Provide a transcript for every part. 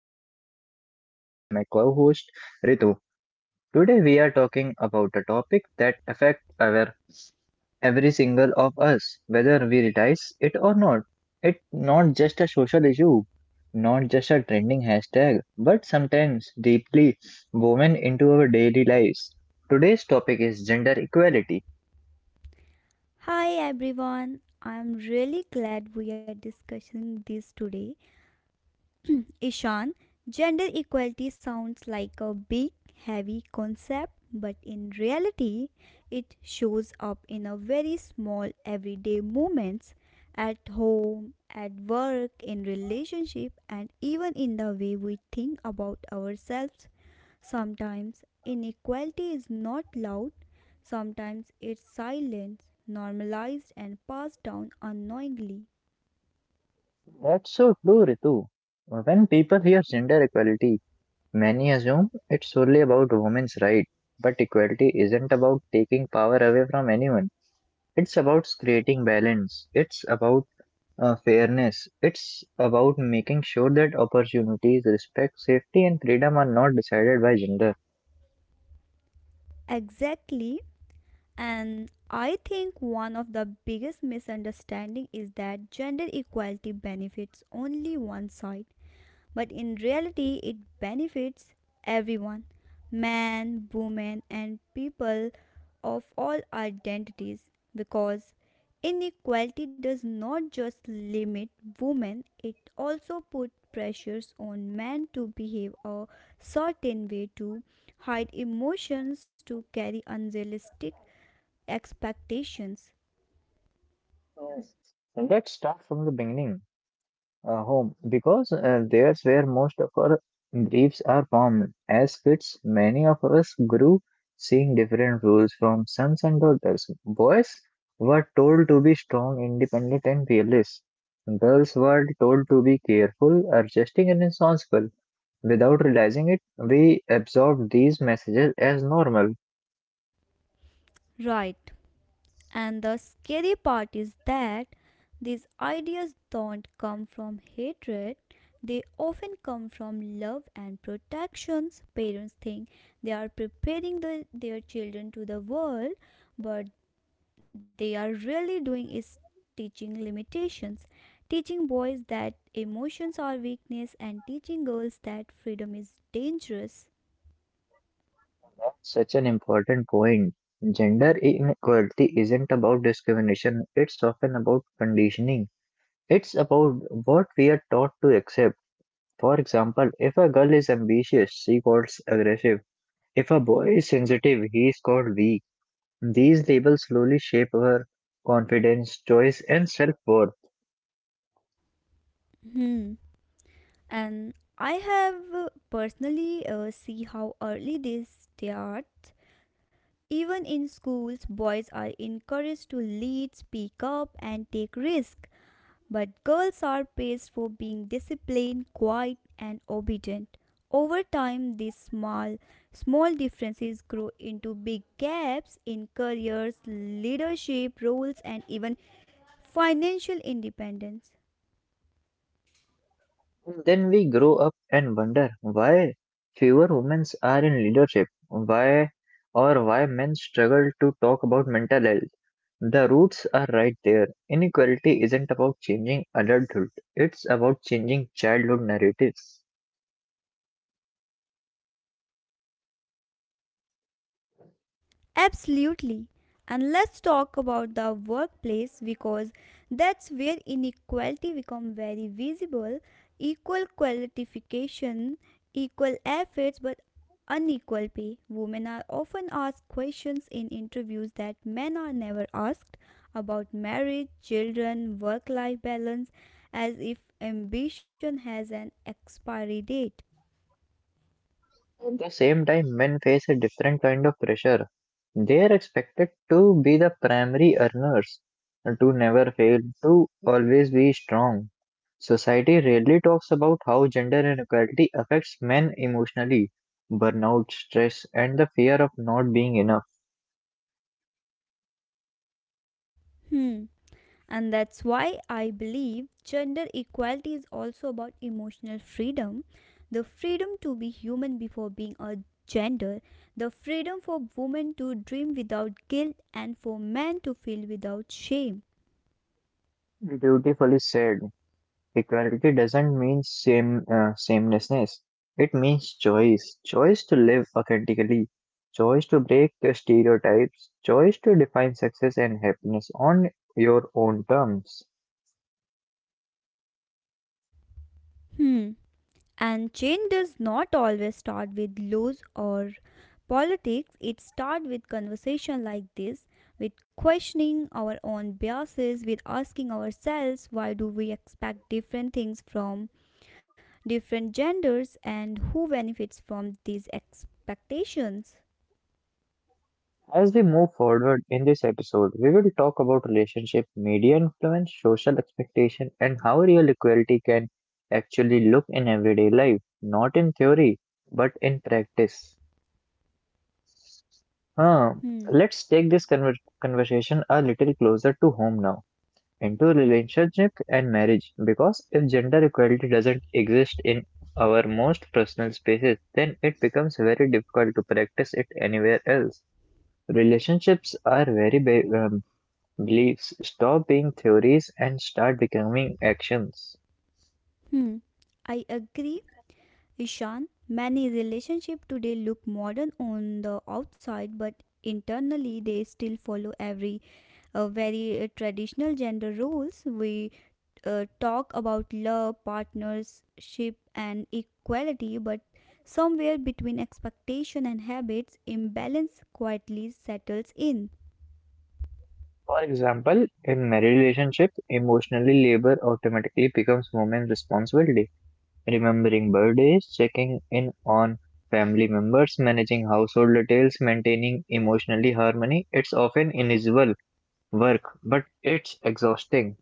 as always I am joined by my co-host Ritu. Today we are talking about a topic that affects our every single of us whether we realize it or not. It's not just a social issue, not just a trending hashtag, but sometimes deeply woven into our daily lives. Today's topic is gender equality. Hi everyone. I'm really glad we are discussing this today. Ishan, gender equality sounds like a big, heavy concept, but in reality, it shows up in a very small everyday moments at home, at work, in relationship, and even in the way we think about ourselves. Sometimes inequality is not loud, sometimes it's silent, normalized, and passed down unknowingly. That's so true, Ritu. When people hear gender equality, many assume it's solely about women's rights. But equality isn't about taking power away from anyone. It's about creating balance. It's about fairness. It's about making sure that opportunities, respect, safety, and freedom are not decided by gender. Exactly. And I think one of the biggest misunderstanding is that gender equality benefits only one side. But in reality, it benefits everyone, men, women, and people of all identities, because inequality does not just limit women, it also puts pressures on men to behave a certain way, to hide emotions, to carry unrealistic expectations. And let's start from the beginning. Home, because there's where most of our beliefs are formed. As kids, many of us grew seeing different rules from sons and daughters. Boys were told to be strong, independent, and fearless. Girls were told to be careful, adjusting, and responsible. Without realizing it, we absorb these messages as normal. Right. And the scary part is that these ideas don't come from hatred, they often come from love and protections. Parents think they are preparing the, their children to the world, but they are really doing is teaching limitations, teaching boys that emotions are weakness, and teaching girls that freedom is dangerous. Such an important point. Gender inequality isn't about discrimination, it's often about conditioning. It's about what we are taught to accept. For example, if a girl is ambitious, she calls aggressive. If a boy is sensitive, he is called weak. These labels slowly shape our confidence, choice, and self worth. Hmm. And I have personally see how early they start. Even in schools, boys are encouraged to lead, speak up, and take risks, but girls are praised for being disciplined, quiet, and obedient. Over time, these small differences grow into big gaps in careers, leadership roles, and even financial independence. Then we grow up and wonder why fewer women are in leadership, why men struggle to talk about mental health. The roots are right there. Inequality isn't about changing adulthood, it's about changing childhood narratives. Absolutely. And let's talk about the workplace because that's where inequality become very visible. Equal qualification, equal efforts but unequal pay. Women are often asked questions in interviews that men are never asked about marriage, children, work-life balance, as if ambition has an expiry date. At the same time, men face a different kind of pressure. They are expected to be the primary earners, to never fail, to always be strong. Society rarely talks about how gender inequality affects men emotionally, burnout, stress, and the fear of not being enough. Hmm. And that's why I believe gender equality is also about emotional freedom, the freedom to be human before being a gender, the freedom for women to dream without guilt, and for men to feel without shame. Beautifully said. Equality doesn't mean sameness. It means choice, choice to live authentically, choice to break the stereotypes, choice to define success and happiness on your own terms. Hmm. And change does not always start with laws or politics, it starts with conversation like this, with questioning our own biases, with asking ourselves why do we expect different things from different genders and who benefits from these expectations. As we move forward in this episode, we will talk about relationship, media influence, social expectation, and how real equality can actually look in everyday life, not in theory, but in practice. Huh. Hmm. Let's take this conversation a little closer to home now, into relationship and marriage. Because if gender equality doesn't exist in our most personal spaces, then it becomes very difficult to practice it anywhere else. Relationships are very beliefs. Stop being theories and start becoming actions. Hmm. I agree, Ishan. Many relationships today look modern on the outside, but internally they still follow every very traditional gender roles. We talk about love, partnership, and equality, but somewhere between expectation and habits, imbalance quietly settles in. For example, in marriage relationship, emotionally labor automatically becomes woman's responsibility remembering birthdays, checking in on family members, managing household details, maintaining emotionally harmony. It's often invisible work, but it's exhausting.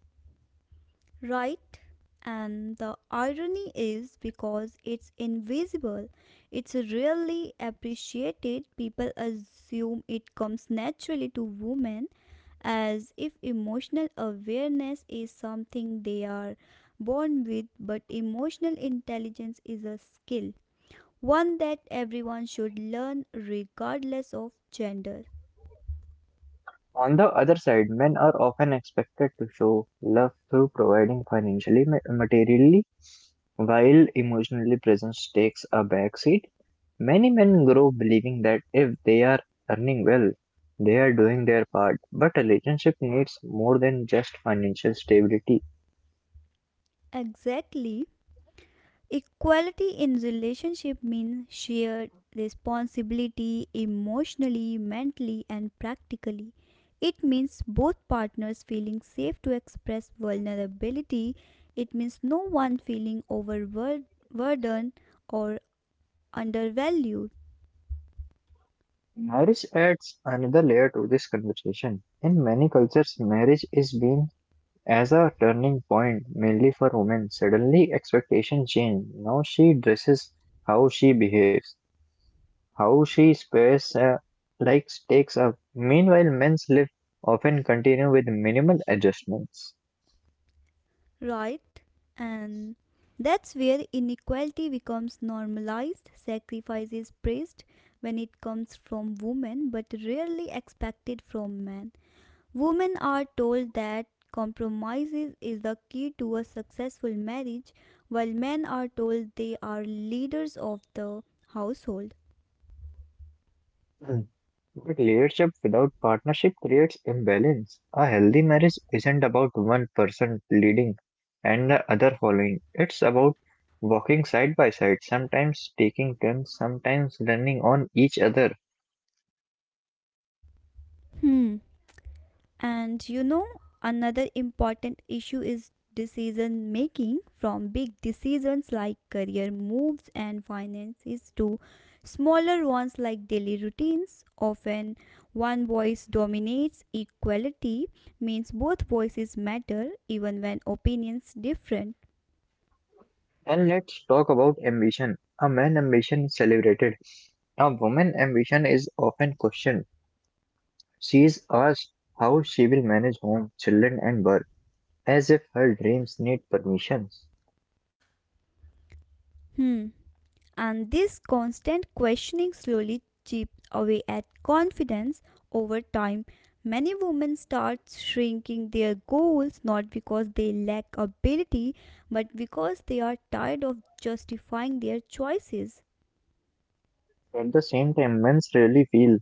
Right? And the irony is because it's invisible, it's rarely appreciated. People assume it comes naturally to women as if emotional awareness is something they are born with, but emotional intelligence is a skill, one that everyone should learn regardless of gender. On the other side, men are often expected to show love through providing financially, materially, while emotionally presence takes a backseat. Many men grow believing that if they are earning well, they are doing their part, but a relationship needs more than just financial stability. Exactly. Equality in relationship means shared responsibility emotionally, mentally, and practically. It means both partners feeling safe to express vulnerability. It means no one feeling overburdened or undervalued. Marriage adds another layer to this conversation. In many cultures, marriage is seen as a turning point, mainly for women. Suddenly, expectations change. Now she dresses, how she behaves, how she spares, like takes up. Meanwhile, men's life often continue with minimal adjustments. Right? And that's where inequality becomes normalized, sacrifice is praised when it comes from women but rarely expected from men. Women are told that compromises is the key to a successful marriage, while men are told they are leaders of the household. But leadership without partnership creates imbalance. A healthy marriage isn't about one person leading and the other following. It's about walking side by side, sometimes taking turns, sometimes running on each other. Hmm. And you know, another important issue is decision making from big decisions like career moves and finances to smaller ones like daily routines. Often, one voice dominates, equality means both voices matter even when opinions differ. And let's talk about ambition. A man's ambition is celebrated. A woman's ambition is often questioned. She is asked how she will manage home, children, and work, as if her dreams need permissions. Hmm. And this constant questioning slowly chips away at confidence over time. Many women start shrinking their goals not because they lack ability but because they are tired of justifying their choices. At the same time, men rarely feel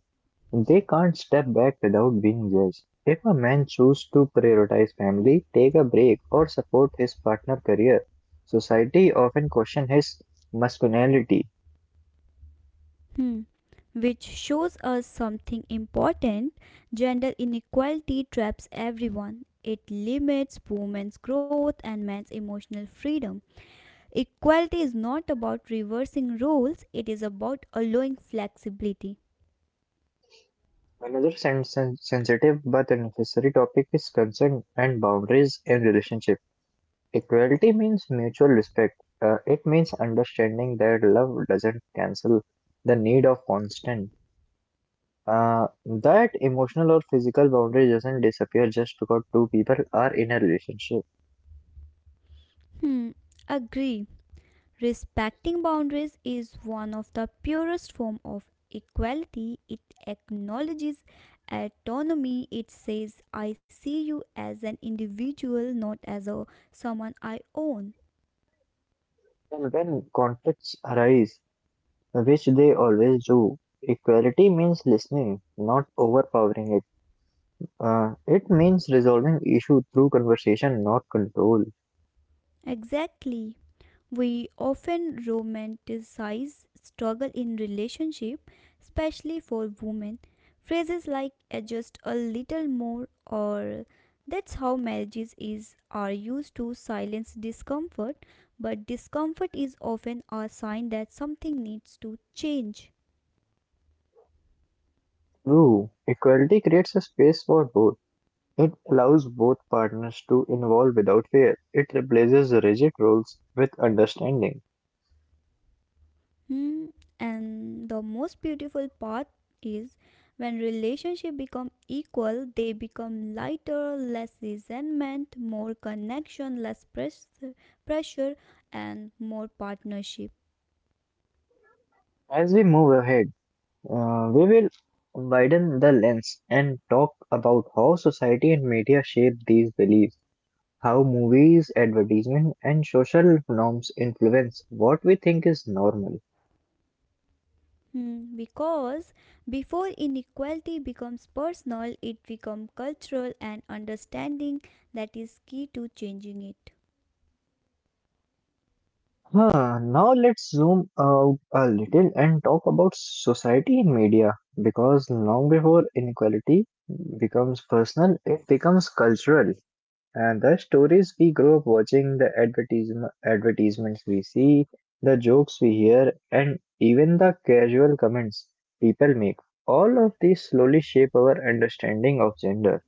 they can't step back without being judged. If a man chooses to prioritize family, take a break, or support his partner career, society often question his masculinity. Hmm. Which shows us something important, gender inequality traps everyone. It limits women's growth and men's emotional freedom. Equality is not about reversing roles, it is about allowing flexibility. Another sensitive but necessary topic is consent and boundaries in relationship. Equality means mutual respect. It means understanding that love doesn't cancel the need of constant. That emotional or physical boundary doesn't disappear just because two people are in a relationship. Hmm, agree. Respecting boundaries is one of the purest form of equality. It acknowledges autonomy. It says I see you as an individual, not as a someone I own. And when conflicts arise, which they always do, equality means listening, not overpowering it. It means resolving issue through conversation, not control. Exactly. We often romanticize struggle in relationship, especially for women. Phrases like just a little more," or "that's how marriages is," are used to silence discomfort, but discomfort is often a sign that something needs to change. True, equality creates a space for both. It allows both partners to involve without fear. It replaces rigid roles with understanding. Hmm, and the most beautiful part is when relationships become equal, they become lighter, less resentment, more connection, pressure, and more partnership. As we move ahead, we will widen the lens and talk about how society and media shape these beliefs. How movies, advertisement, and social norms influence what we think is normal. Hmm, because before inequality becomes personal, it becomes cultural, and understanding that is key to changing it. Huh, now let's zoom out a little and talk about society and media because long before inequality becomes personal, it becomes cultural. And the stories we grow up watching, the advertisements we see, the jokes we hear, and even the casual comments people make, all of these slowly shape our understanding of gender.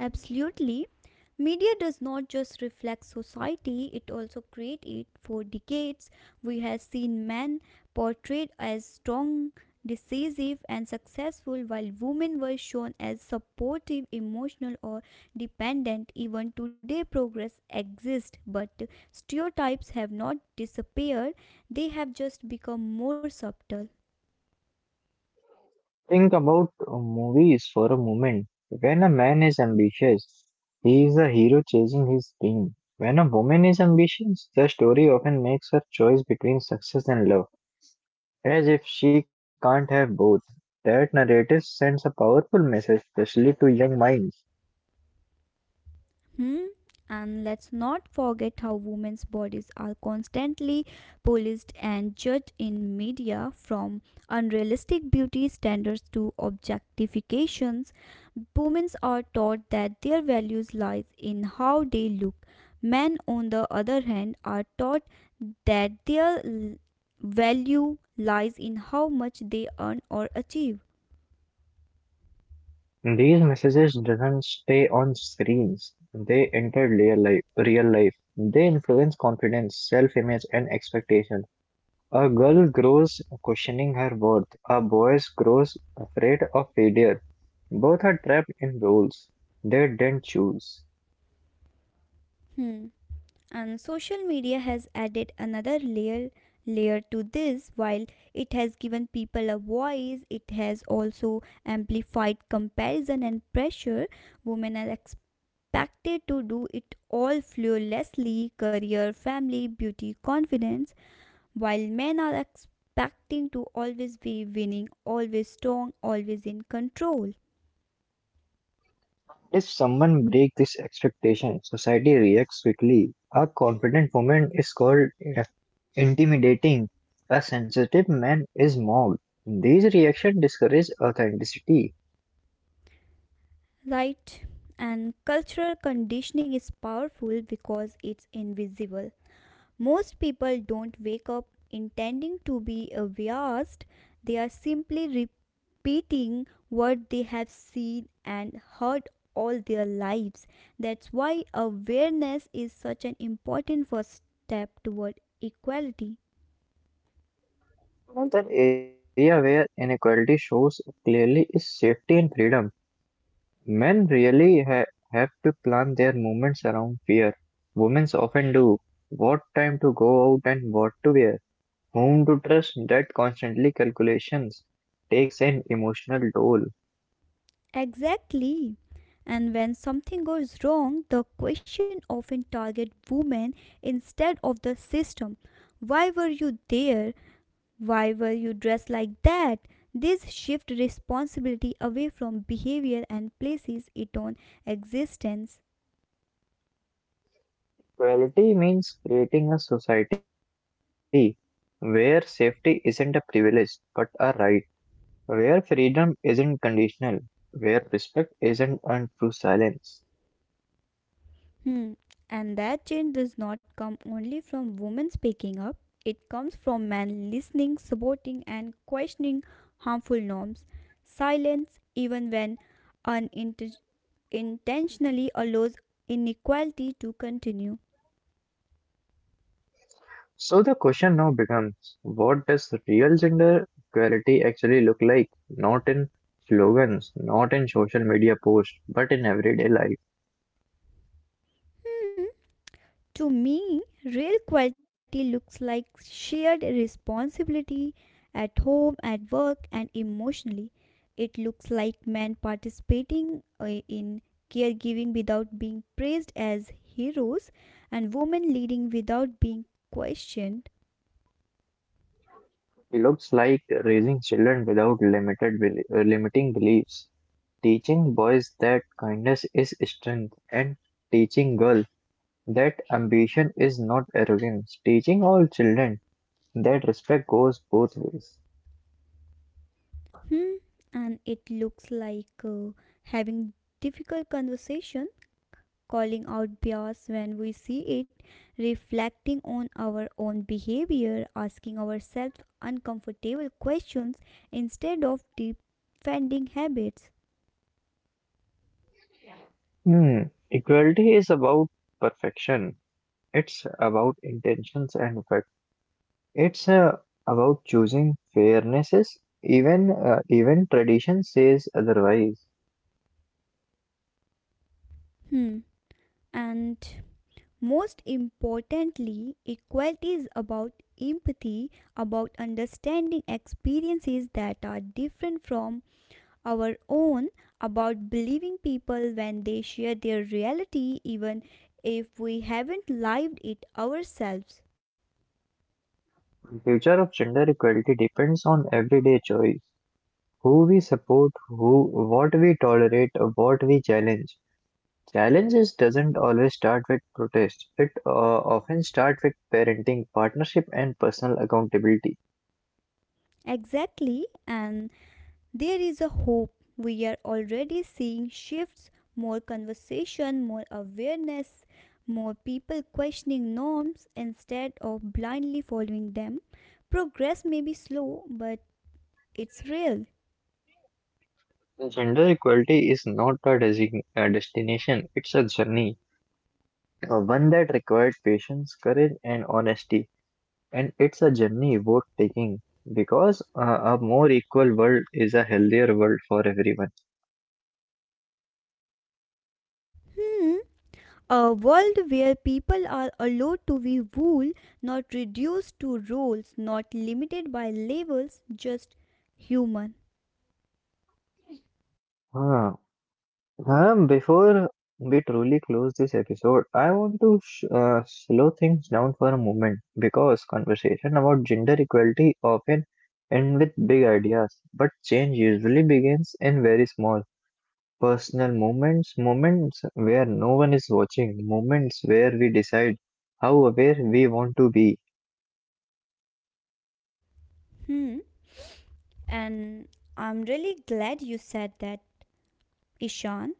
Absolutely. Media does not just reflect society, it also creates it. For decades, we have seen men portrayed as strong, decisive, and successful, while women were shown as supportive, emotional, or dependent. Even today, progress exists, but stereotypes have not disappeared, they have just become more subtle. Think about movies for a moment. When a man is ambitious, he is a hero chasing his dream. When a woman is ambitious, the story often makes her choice between success and love, as if she can't have both. That narrative sends a powerful message, especially to young minds. Hmm? And let's not forget how women's bodies are constantly policed and judged in media, from unrealistic beauty standards to objectifications. Women are taught that their values lies in how they look. Men, on the other hand, are taught that value lies in how much they earn or achieve. These messages doesn't stay on screens. They enter real life. Real life. They influence confidence, self-image, and expectation. A girl grows questioning her worth. A boy grows afraid of failure. Both are trapped in roles they didn't choose. Hmm. And social media has added another layer to this. While it has given people a voice, it has also amplified comparison and pressure. Women are expected to do it all flawlessly, career, family, beauty, confidence, while men are expecting to always be winning, always strong, always in control. If someone breaks this expectation, society reacts quickly. A confident woman is called intimidating. A sensitive man is mocked. These reactions discourage authenticity. Right, and cultural conditioning is powerful because it's invisible. Most people don't wake up intending to be a vast, they are simply repeating what they have seen and heard all their lives. That's why awareness is such an important first step toward equality. Another area where inequality shows up clearly is safety and freedom. Men really have to plan their movements around fear. Women often do. What time to go out and what to wear, whom to trust, that constantly calculations takes an emotional toll. Exactly. And when something goes wrong, the question often targets women instead of the system. Why were you there? Why were you dressed like that? This shifts responsibility away from behavior and places it on existence. Equality means creating a society where safety isn't a privilege but a right, where freedom isn't conditional, where respect isn't earned through silence. Hmm. And that change does not come only from women speaking up. It comes from men listening, supporting, and questioning harmful norms. Silence, even when unintentionally, allows inequality to continue. So the question now becomes, what does real gender equality actually look like? Not in slogans, not in social media posts, but in everyday life. To me, real quality looks like shared responsibility at home, at work, and emotionally. It looks like men participating in caregiving without being praised as heroes, and women leading without being questioned. It looks like raising children without limiting beliefs, teaching boys that kindness is strength, and teaching girls that ambition is not arrogance, teaching all children that respect goes both ways. Hmm. And it looks like having difficult conversation, calling out bias when we see it, reflecting on our own behavior, asking ourselves uncomfortable questions instead of defending habits. Hmm, equality is about perfection. It's about intentions and effect. It's about choosing fairnesses, even tradition says otherwise. Hmm. And most importantly, equality is about empathy, about understanding experiences that are different from our own, about believing people when they share their reality, even if we haven't lived it ourselves. The future of gender equality depends on everyday choice. Who we support, who what we tolerate, what we challenge. Challenges doesn't always start with protest. It often starts with parenting, partnership, and personal accountability. Exactly, and there is a hope. We are already seeing shifts, more conversation, more awareness, more people questioning norms instead of blindly following them. Progress may be slow, but it's real. Gender equality is not a, design, a destination; it's a journey. One that required patience, courage, and honesty. And it's a journey worth taking because a more equal world is a healthier world for everyone. Hmm. A world where people are allowed to be whole, not reduced to roles, not limited by labels, just human. Huh. Before we truly close this episode, I want to slow things down for a moment because conversation about gender equality often end with big ideas, but change usually begins in very small. Personal moments, moments where no one is watching, moments where we decide how aware we want to be. Hmm. And I'm really glad you said that, Ishan.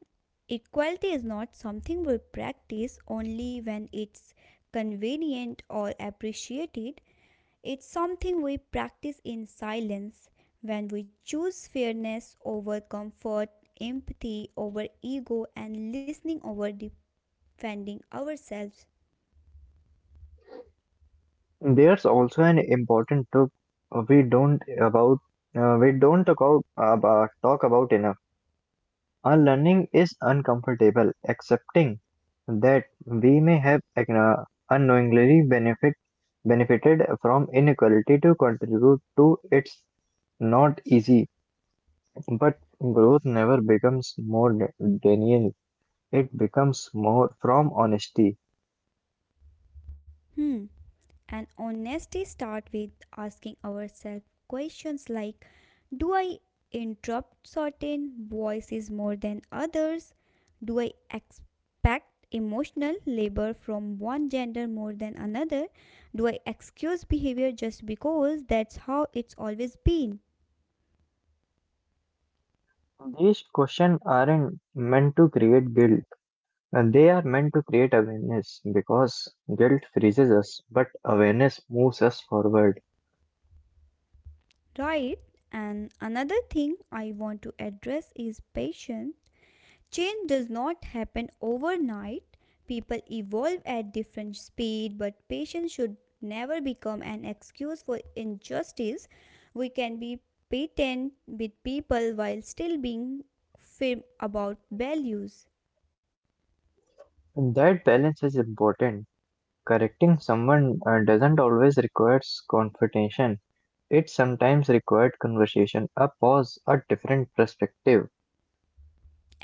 Equality is not something we practice only when it's convenient or appreciated, it's something we practice in silence, when we choose over ego and listening over defending ourselves. There's also an important tip uh, we don't about we don't talk about enough. Our learning is uncomfortable. Accepting that we may have unknowingly benefited from inequality to contribute to it's not easy, but growth never becomes more de- it becomes more from honesty. Hmm, and honesty start with asking ourselves questions like, do I interrupt certain voices more than others, do I expect emotional labor from one gender more than another, do I excuse behavior just because that's how it's always been. These questions aren't meant to create guilt, and they are meant to create awareness because guilt freezes us, but awareness moves us forward. Right, and another thing I want to address is patience. Change does not happen overnight. People evolve at different speed, but patience should never become an excuse for injustice. We can be patient with people while still being firm about values. And that balance is important. Correcting someone doesn't always require confrontation. It sometimes required conversation, a pause, a different perspective.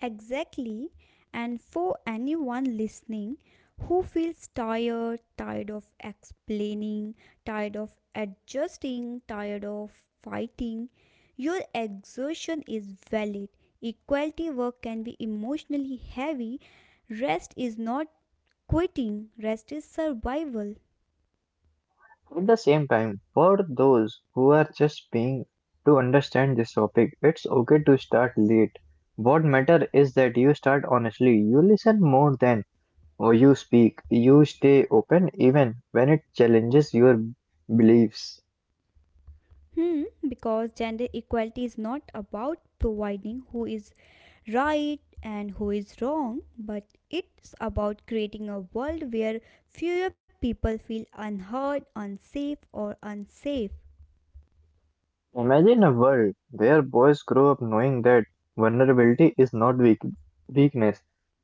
Exactly. And for anyone listening who feels tired, tired of explaining, tired of adjusting, tired of fighting, your exhaustion is valid. Equality work can be emotionally heavy. Rest is not quitting, rest is survival. At the same time, for those who are just being to understand this topic, it's okay to start late. What matter is that you start honestly, you listen more than or you speak, you stay open even when it challenges your beliefs. Hmm, because gender equality is not about providing who is right and who is wrong, but it's about creating a world where fewer people feel unheard, unsafe, or unsafe. Imagine a world where boys grow up knowing that vulnerability is not weak, weakness,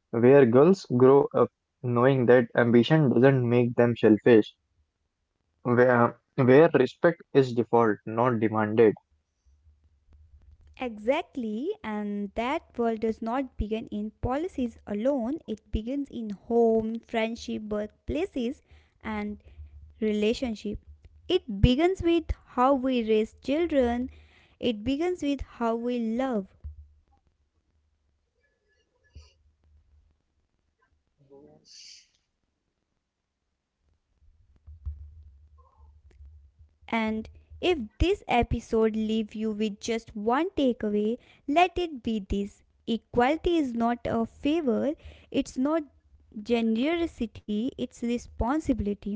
where girls grow up knowing that ambition doesn't make them selfish where respect is default, not demanded. Exactly, and that world does not begin in policies alone, it begins in home, friendship, workplaces, and relationship. It begins with how we raise children, it begins with how we love. And if this episode leave you with just one takeaway, let it be this. Equality is not a favor, it's not generosity, it's responsibility.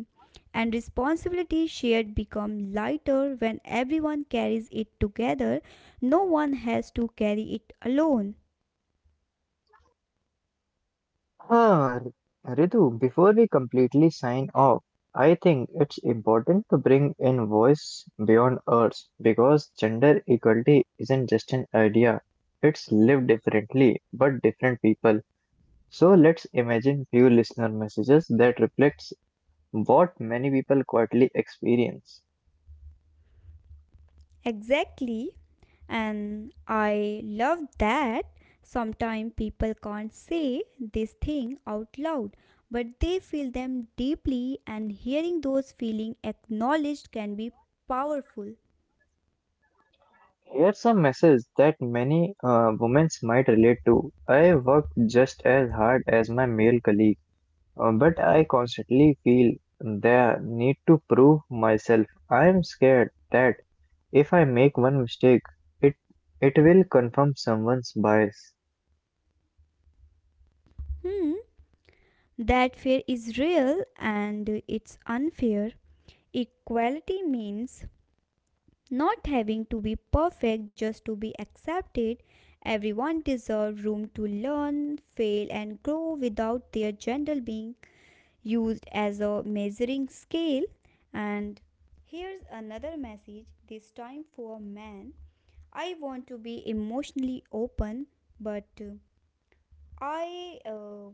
And responsibility shared become lighter when everyone carries it together. No one has to carry it alone. Ah, Ritu, before we completely sign off, I think it's important to bring in voice beyond ours because gender equality isn't just an idea. It's lived differently, but different people. So let's imagine few listener messages that reflects what many people quietly experience. Exactly. And I love that sometimes people can't say this thing out loud, but they feel them deeply, and hearing those feelings acknowledged can be powerful. It's a message that many women might relate to. I work just as hard as my male colleague, but I constantly feel the need to prove myself. I am scared that if I make one mistake, it it will confirm someone's bias. Hmm, that fear is real and it's unfair. Equality means not having to be perfect just to be accepted. Everyone deserves room to learn, fail, and grow without their gender being used as a measuring scale. And here's another message, this time for man. I want to be emotionally open, but I.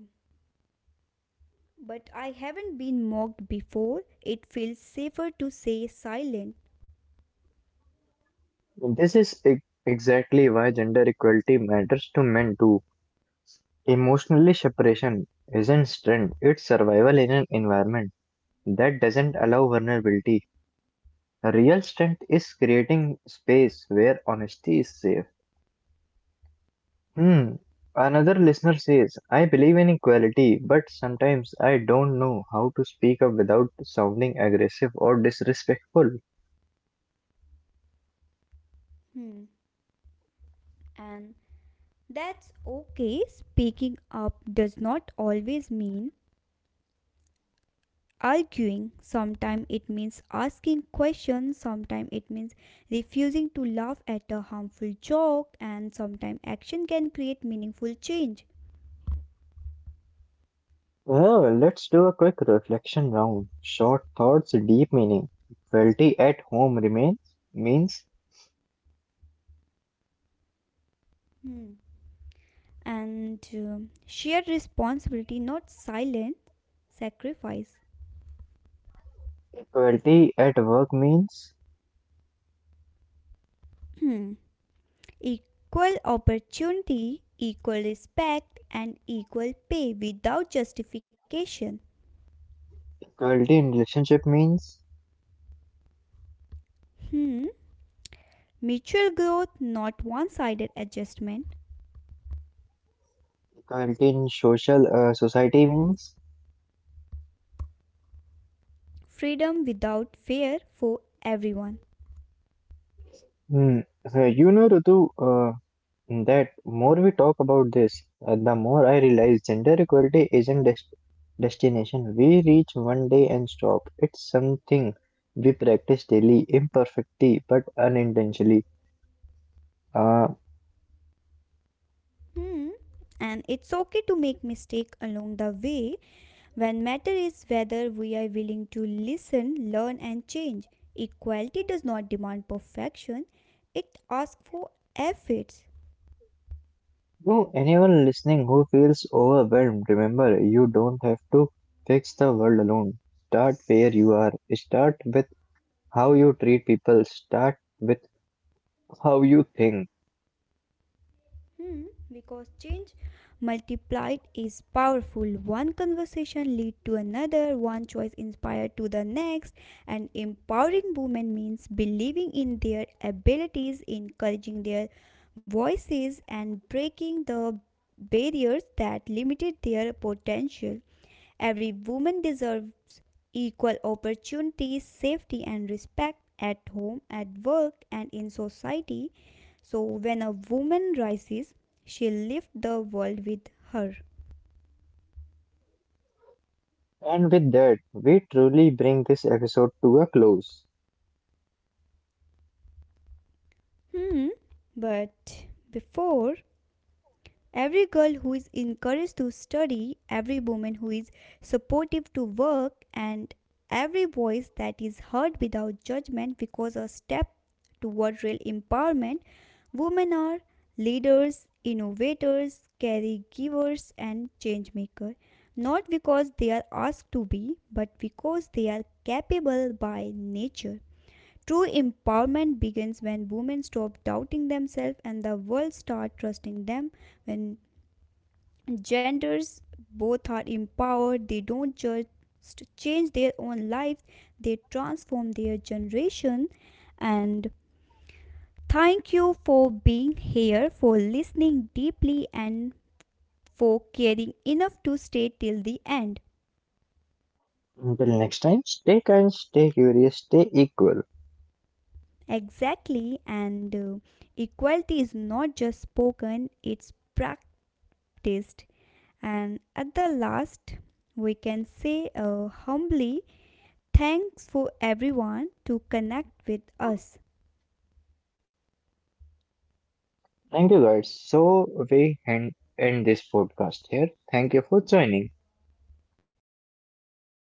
but I haven't been mocked before. It feels safer to say silent. This is exactly why gender equality matters to men too. Emotionally separation isn't strength; it's survival in an environment that doesn't allow vulnerability. Real strength is creating space where honesty is safe. Hmm. Another listener says, I believe in equality, but sometimes I don't know how to speak up without sounding aggressive or disrespectful. Hmm. And that's okay. Speaking up does not always mean arguing, sometimes it means asking questions, sometimes it means refusing to laugh at a harmful joke, and sometimes action can create meaningful change. Well, let's do a quick reflection round. Short thoughts, deep meaning. Equality at home remains means Hmm. And shared responsibility, not silent sacrifice. equality at work means Hmm. Equal opportunity, equal respect, and equal pay without justification. equality in relationship means Hmm. Mutual growth, not one-sided adjustment. equality in social society means. Freedom without fear for everyone. Hmm. You know, Ritu, that more we talk about this, the more I realize gender equality isn't destination we reach one day and stop. It's something we practice daily, imperfectly but unintentionally. Uh, Hmm. And it's okay to make mistake along the way, when matter is whether we are willing to listen, learn and change. Equality does not demand perfection. It asks for efforts. to anyone listening who feels overwhelmed, remember you don't have to fix the world alone. Start where you are. Start with how you treat people. Start with how you think. Hmm, because change multiplied is powerful. One conversation lead to another, one choice inspired to the next, and empowering women means believing in their abilities, encouraging their voices and breaking the barriers that limited their potential. Every woman deserves equal opportunities, safety and respect at home, at work and in society. So when a woman rises, she lifts the world with her. And with that, we truly bring this episode to a close. Hmm. But before, every girl who is encouraged to study, every woman who is supportive to work, and every voice that is heard without judgment, because a step toward real empowerment, women are leaders, innovators, caregivers, and change makers. Not because they are asked to be, but because they are capable by nature. True empowerment begins when women stop doubting themselves and the world start trusting them. When genders both are empowered, they don't just change their own life, they transform their generation. And thank you for being here, for listening deeply, and for caring enough to stay till the end. Until next time, stay kind, stay curious, stay equal. Exactly, and equality is not just spoken, it's practiced. And at the last, we can say, humbly, thanks for everyone to connect with us. Thank you, guys. So, end this podcast here. Thank you for joining. Thank you.